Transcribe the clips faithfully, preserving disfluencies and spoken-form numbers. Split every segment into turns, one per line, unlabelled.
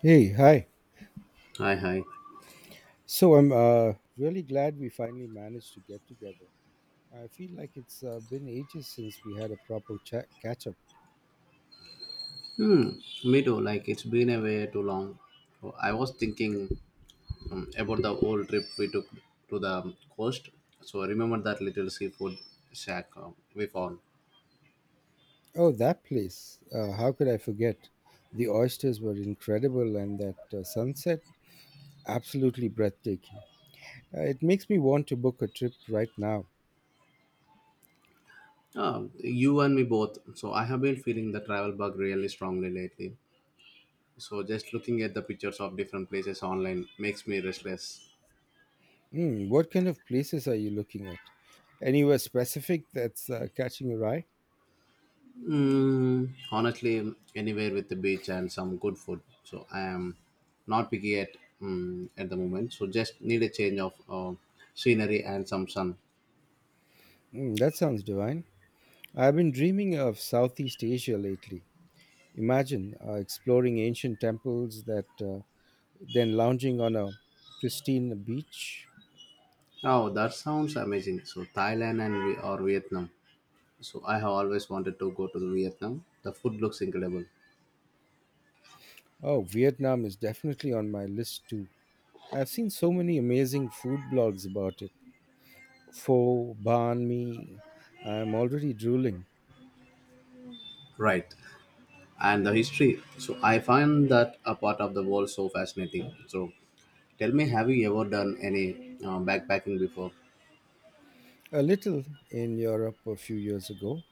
Hey, hi.
Hi, hi.
So I'm uh, really glad we finally managed to get together. I feel like it's uh, been ages since we had a proper chat catch up.
Hmm, me too. Like it's been a way too long. So I was thinking um, about the old trip we took to the coast. So remember that little seafood shack uh, we found.
Oh, that place. Uh, how could I forget? The oysters were incredible, and that uh, sunset absolutely breathtaking. Uh, it makes me want to book a trip right now.
Uh, you and me both. So I have been feeling the travel bug really strongly lately. So just looking at the pictures of different places online makes me restless.
Hmm, what kind of places are you looking at? Anywhere specific that's uh, catching your eye?
Mm, honestly, anywhere with the beach and some good food. So I am not picky at mm, at the moment. So just need a change of uh, scenery and some sun.
Hmm, that sounds divine. I've been dreaming of Southeast Asia lately. Imagine uh, exploring ancient temples that uh, then lounging on a pristine beach.
Oh, that sounds amazing. So Thailand and we or Vietnam. So I have always wanted to go to the Vietnam. The food looks incredible.
Oh, Vietnam is definitely on my list too. I've seen so many amazing food blogs about it. Pho, banh mi. I'm already drooling.
Right, and the history. So I find that a part of the world so fascinating. So tell me, have you ever done any uh, backpacking before?
A little in Europe a few years ago,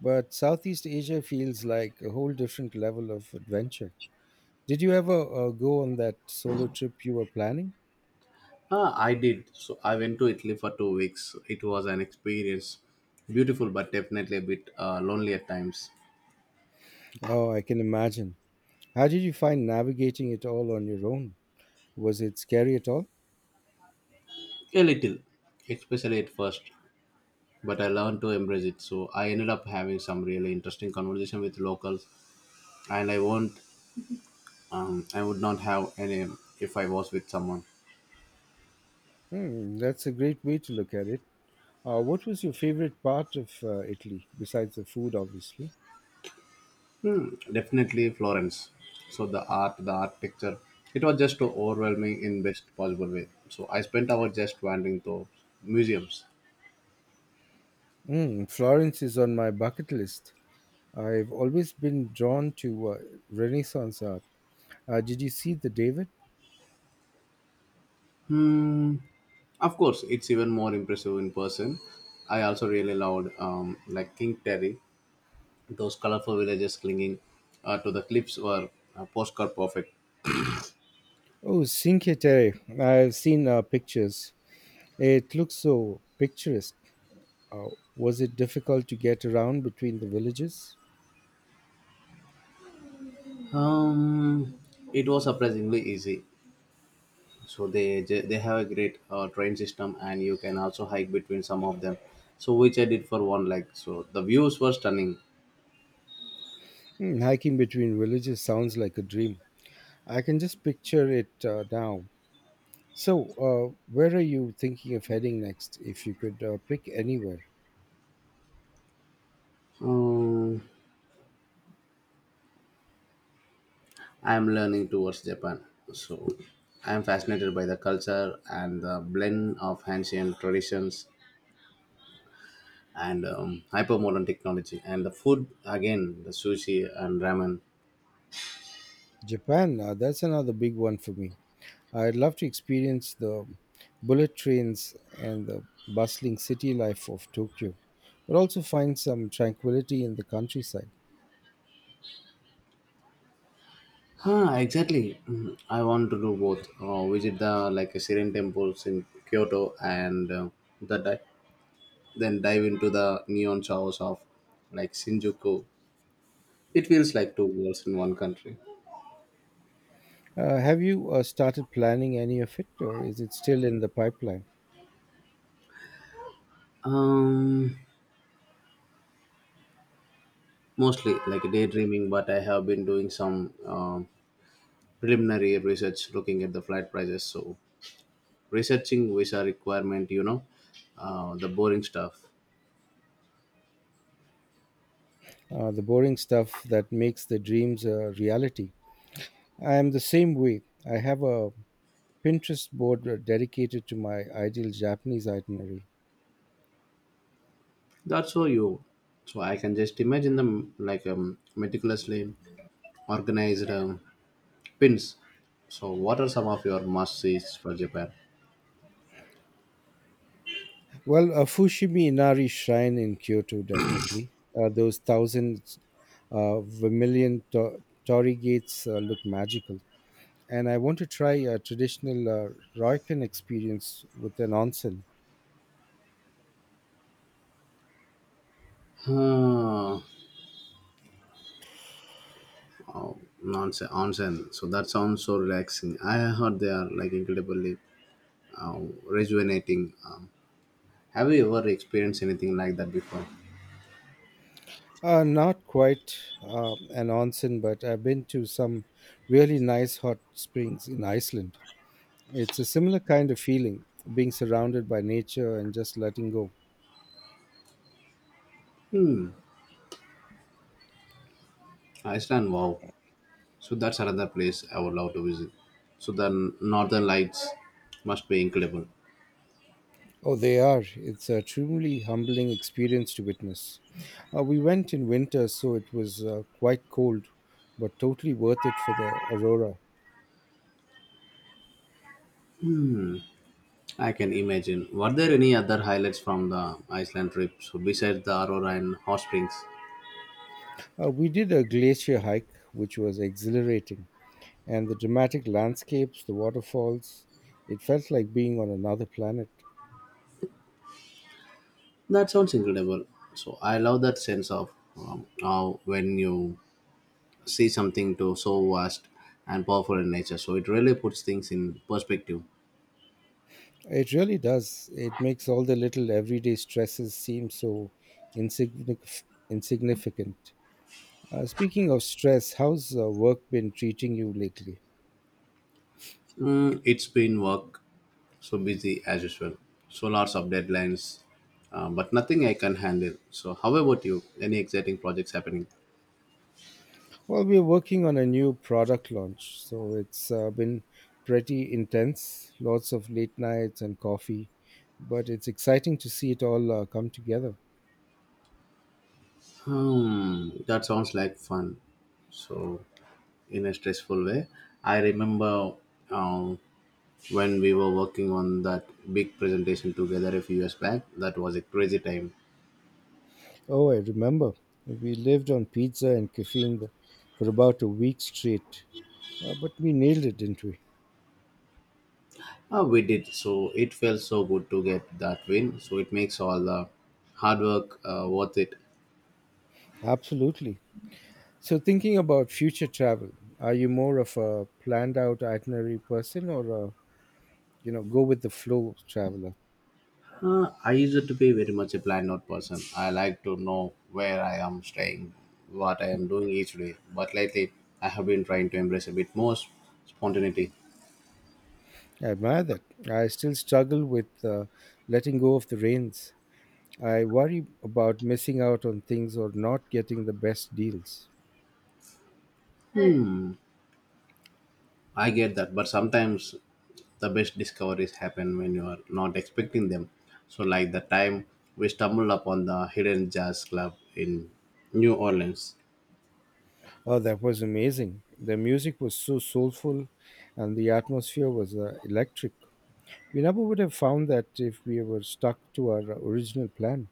but Southeast Asia feels like a whole different level of adventure. Did you ever uh, go on that solo trip you were planning?
Ah, I did. So I went to Italy for two weeks. It was an experience. Beautiful, but definitely a bit uh, lonely at times.
Oh, I can imagine. How did you find navigating it all on your own? Was it scary at all?
A little, especially at first. But I learned to embrace it. So I ended up having some really interesting conversation with locals, and I won't, um, I would not have any if I was with someone.
Hmm, that's a great way to look at it. Uh, what was your favorite part of uh, Italy, besides the food, obviously?
Definitely Florence. So the art, the architecture, it was just overwhelming in best possible way. So I spent hours just wandering through museums.
Mm, Florence is on my bucket list. I've always been drawn to uh, Renaissance art. Uh, did you see the David?
Of course, it's even more impressive in person. I also really loved um, like King Terry. Those colorful villages clinging uh, to the cliffs were uh, postcard perfect.
Oh, Cinque Terre. I've seen uh, pictures. It looks so picturesque. Uh, was it difficult to get around between the villages?
Um, it was surprisingly easy. So they they have a great uh, train system, and you can also hike between some of them. So which I did for one leg. So the views were stunning.
Hmm, hiking between villages sounds like a dream. I can just picture it uh, now. So, uh, where are you thinking of heading next if you could uh, pick anywhere?
Um, I am learning towards Japan. So I am fascinated by the culture and the blend of ancient traditions and um, hyper technology, and the food again, the sushi and ramen.
Japan, uh, that's another big one for me. I'd love to experience the bullet trains and the bustling city life of Tokyo, but also find some tranquility in the countryside.
Huh, exactly. Mm, i want to do both, uh, visit the like a serene temples in Kyoto, and uh, the di- then dive into the neon shows of like Shinjuku. It feels like two worlds in one country.
Uh, have you uh, started planning any of it, or is it still in the pipeline?
Um mostly like daydreaming, but I have been doing some um preliminary research, looking at the flight prices, so researching visa requirement, you know uh, the boring stuff.
Uh, the boring stuff that makes the dreams a reality. I am the same way. I have a Pinterest board uh, dedicated to my ideal Japanese itinerary.
That's so you. So I can just imagine them, like um, meticulously organized um, pins. So what are some of your must sees for Japan?
Well, a Fushimi Inari shrine in Kyoto, definitely. Uh, those thousand uh, vermilion to- torii gates uh, look magical. And I want to try a traditional uh, Ryokan experience with an onsen.
Huh. Oh, nonsense onsen, so that sounds so relaxing. I heard they are like incredibly uh, rejuvenating. Um, have you ever experienced anything like that before?
Uh, not quite uh, an onsen, but I've been to some really nice hot springs in Iceland. It's a similar kind of feeling, being surrounded by nature and just letting go.
Iceland, wow. So that's another place I would love to visit. So the Northern Lights must be incredible.
Oh, they are. It's a truly humbling experience to witness. Uh, we went in winter, so it was uh, quite cold, but totally worth it for the aurora.
I can imagine. Were there any other highlights from the Iceland trip, so besides the Aurora and Hot Springs?
Uh, we did a glacier hike, which was exhilarating, and the dramatic landscapes, the waterfalls, it felt like being on another planet.
That sounds incredible. So I love that sense of um, how when you see something to so vast and powerful in nature, so it really puts things in perspective.
It really does. It makes all the little everyday stresses seem so insignific- insignificant. Uh, speaking of stress, how's uh, work been treating you lately?
Mm, it's been work, so busy as usual. So lots of deadlines, uh, but nothing I can handle. So, how about you? Any exciting projects happening?
Well, we're working on a new product launch, so it's uh, been pretty intense. Lots of late nights and coffee, but it's exciting to see it all uh, come together.
Hmm, that sounds like fun. So, in a stressful way, I remember um, when we were working on that big presentation together a few years back. That was a crazy time.
Oh, I remember we lived on pizza and caffeine th- for about a week straight, uh, but we nailed it, didn't we?
Uh, we did so. It felt so good to get that win. So it makes all the hard work uh, worth it.
Absolutely. So, thinking about future travel, are you more of a planned out itinerary person or a you know go with the flow traveler?
Uh, I used to be very much a planned out person. I like to know where I am staying, what I am doing each day. But lately, I have been trying to embrace a bit more s- spontaneity.
I admire that. I still struggle with uh, letting go of the reins. I worry about missing out on things or not getting the best deals.
I get that, but sometimes the best discoveries happen when you are not expecting them. So, like the time we stumbled upon the Hidden Jazz Club in New Orleans.
Oh, that was amazing. The music was so soulful and the atmosphere was uh, electric. We never would have found that if we were stuck to our original plan.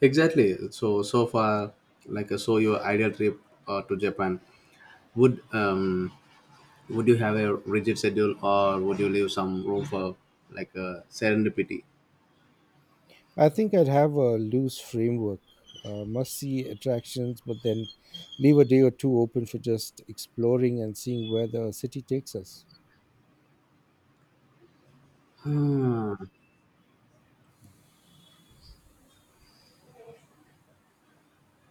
Exactly. So, so far, like so, your ideal trip uh, to Japan would um, Would you have a rigid schedule, or would you leave some room for like a serendipity?
I think I'd have a loose framework, uh, must see attractions, but then leave a day or two open for just exploring and seeing where the city takes us.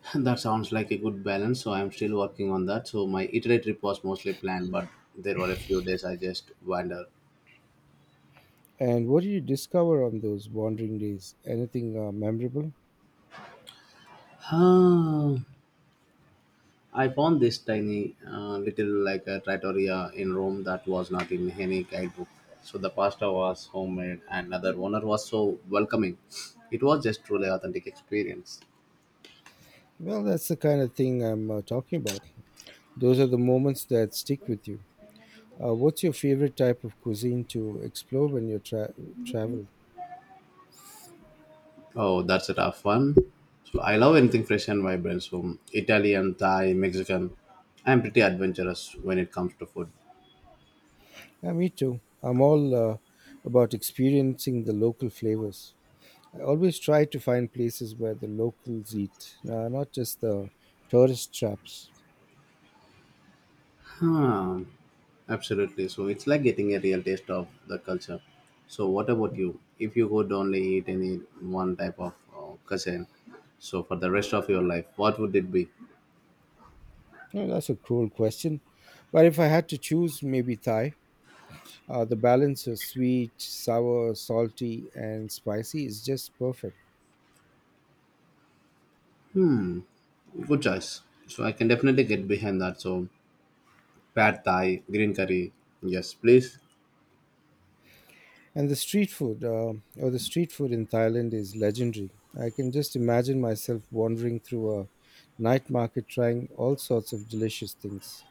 That sounds like a good balance. So I'm still working on that. So my itinerary trip was mostly planned, but there were a few days I just wandered.
And what did you discover on those wandering days? Anything uh, memorable?
Huh. I found this tiny uh, little like a trattoria in Rome that was not in any guidebook. So the pasta was homemade, and other owner was so welcoming. It was just truly authentic experience.
Well, that's the kind of thing I'm uh, talking about. Those are the moments that stick with you. Uh, what's your favorite type of cuisine to explore when you tra- travel?
Oh, that's a tough one. So I love anything fresh and vibrant. So Italian, Thai, Mexican. I'm pretty adventurous when it comes to food.
Yeah, me too. I'm all uh, about experiencing the local flavors. I always try to find places where the locals eat, uh, not just the tourist traps.
Huh. Absolutely. So it's like getting a real taste of the culture. So what about you? If you could only eat any one type of uh, cuisine, so for the rest of your life, what would it be?
Well, that's a cruel question. But if I had to choose, maybe Thai. Uh, the balance of sweet, sour, salty, and spicy is just perfect.
Good choice. So I can definitely get behind that. So pad Thai, green curry. Yes, please.
And the street food, uh, or the street food in Thailand is legendary. I can just imagine myself wandering through a night market trying all sorts of delicious things.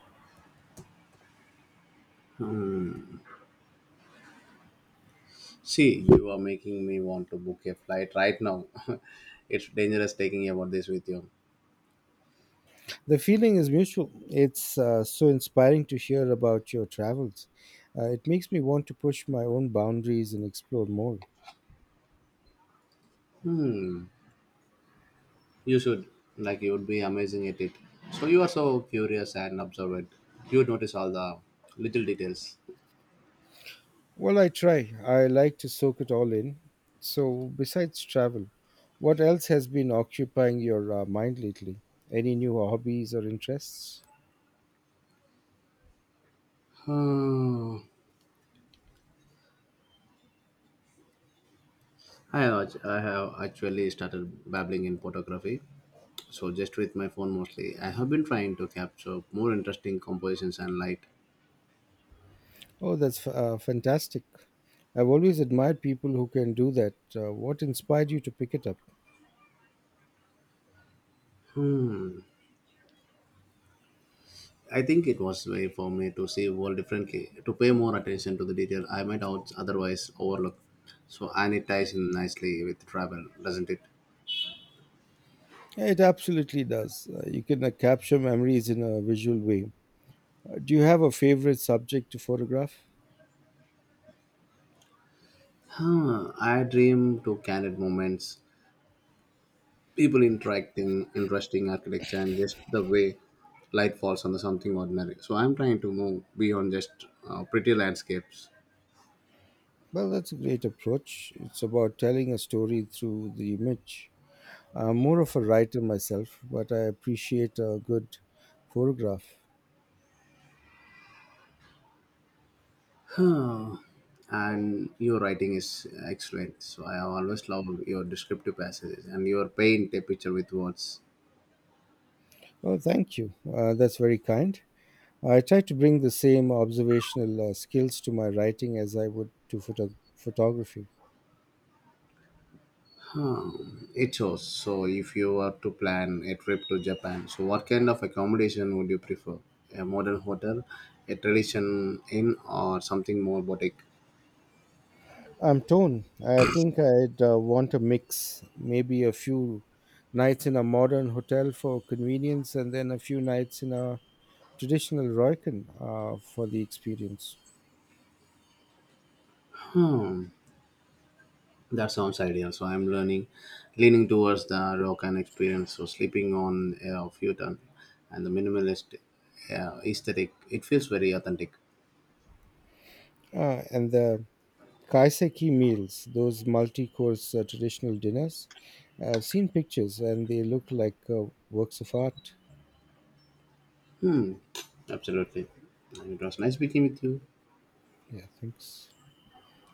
See, you are making me want to book a flight right now. It's dangerous taking about this with you.
The feeling is mutual. It's uh, so inspiring to hear about your travels. Uh, it makes me want to push my own boundaries and explore more.
You should. Like, you would be amazing at it. So, you are so curious and observant. You would notice all the little details.
Well, I try. I like to soak it all in. So, besides travel, what else has been occupying your uh, mind lately? Any new hobbies or interests?
Hmm. I have, act- I have actually started babbling in photography. So, just with my phone mostly, I have been trying to capture more interesting compositions and light.
Oh, that's f- uh, fantastic. I've always admired people who can do that. Uh, what inspired you to pick it up?
I think it was way for me to see world differently, to pay more attention to the detail I might out otherwise overlook. So and it ties in nicely with travel, doesn't it?
Yeah, it absolutely does. Uh, you can uh, capture memories in a visual way. Uh, do you have a favorite subject to photograph?
Huh, I dream to candid moments, people interacting, interesting architecture, and just the way light falls on the something ordinary. So I'm trying to move beyond just uh, pretty landscapes.
Well, that's a great approach. It's about telling a story through the image. I'm more of a writer myself, but I appreciate a good photograph.
Huh. And your writing is excellent. So I have always loved your descriptive passages and your paint a picture with words.
Oh, thank you. Uh, that's very kind. I try to bring the same observational uh, skills to my writing as I would to photo- photography.
It shows. So, if you were to plan a trip to Japan, so what kind of accommodation would you prefer? A modern hotel, a tradition inn, or something more boutique?
I'm torn. I think I'd uh, want a mix, maybe a few nights in a modern hotel for convenience, and then a few nights in a traditional Roycan uh, for the experience.
Hmm, that sounds ideal. So, I'm learning, leaning towards the Ryokan experience. So, sleeping on a futon and the minimalist uh, aesthetic. It feels very authentic.
Uh, and the Kaiseki meals, those multi course uh, traditional dinners. I've seen pictures and they look like uh, works of art.
Absolutely. And it was nice speaking with you.
Yeah, thanks.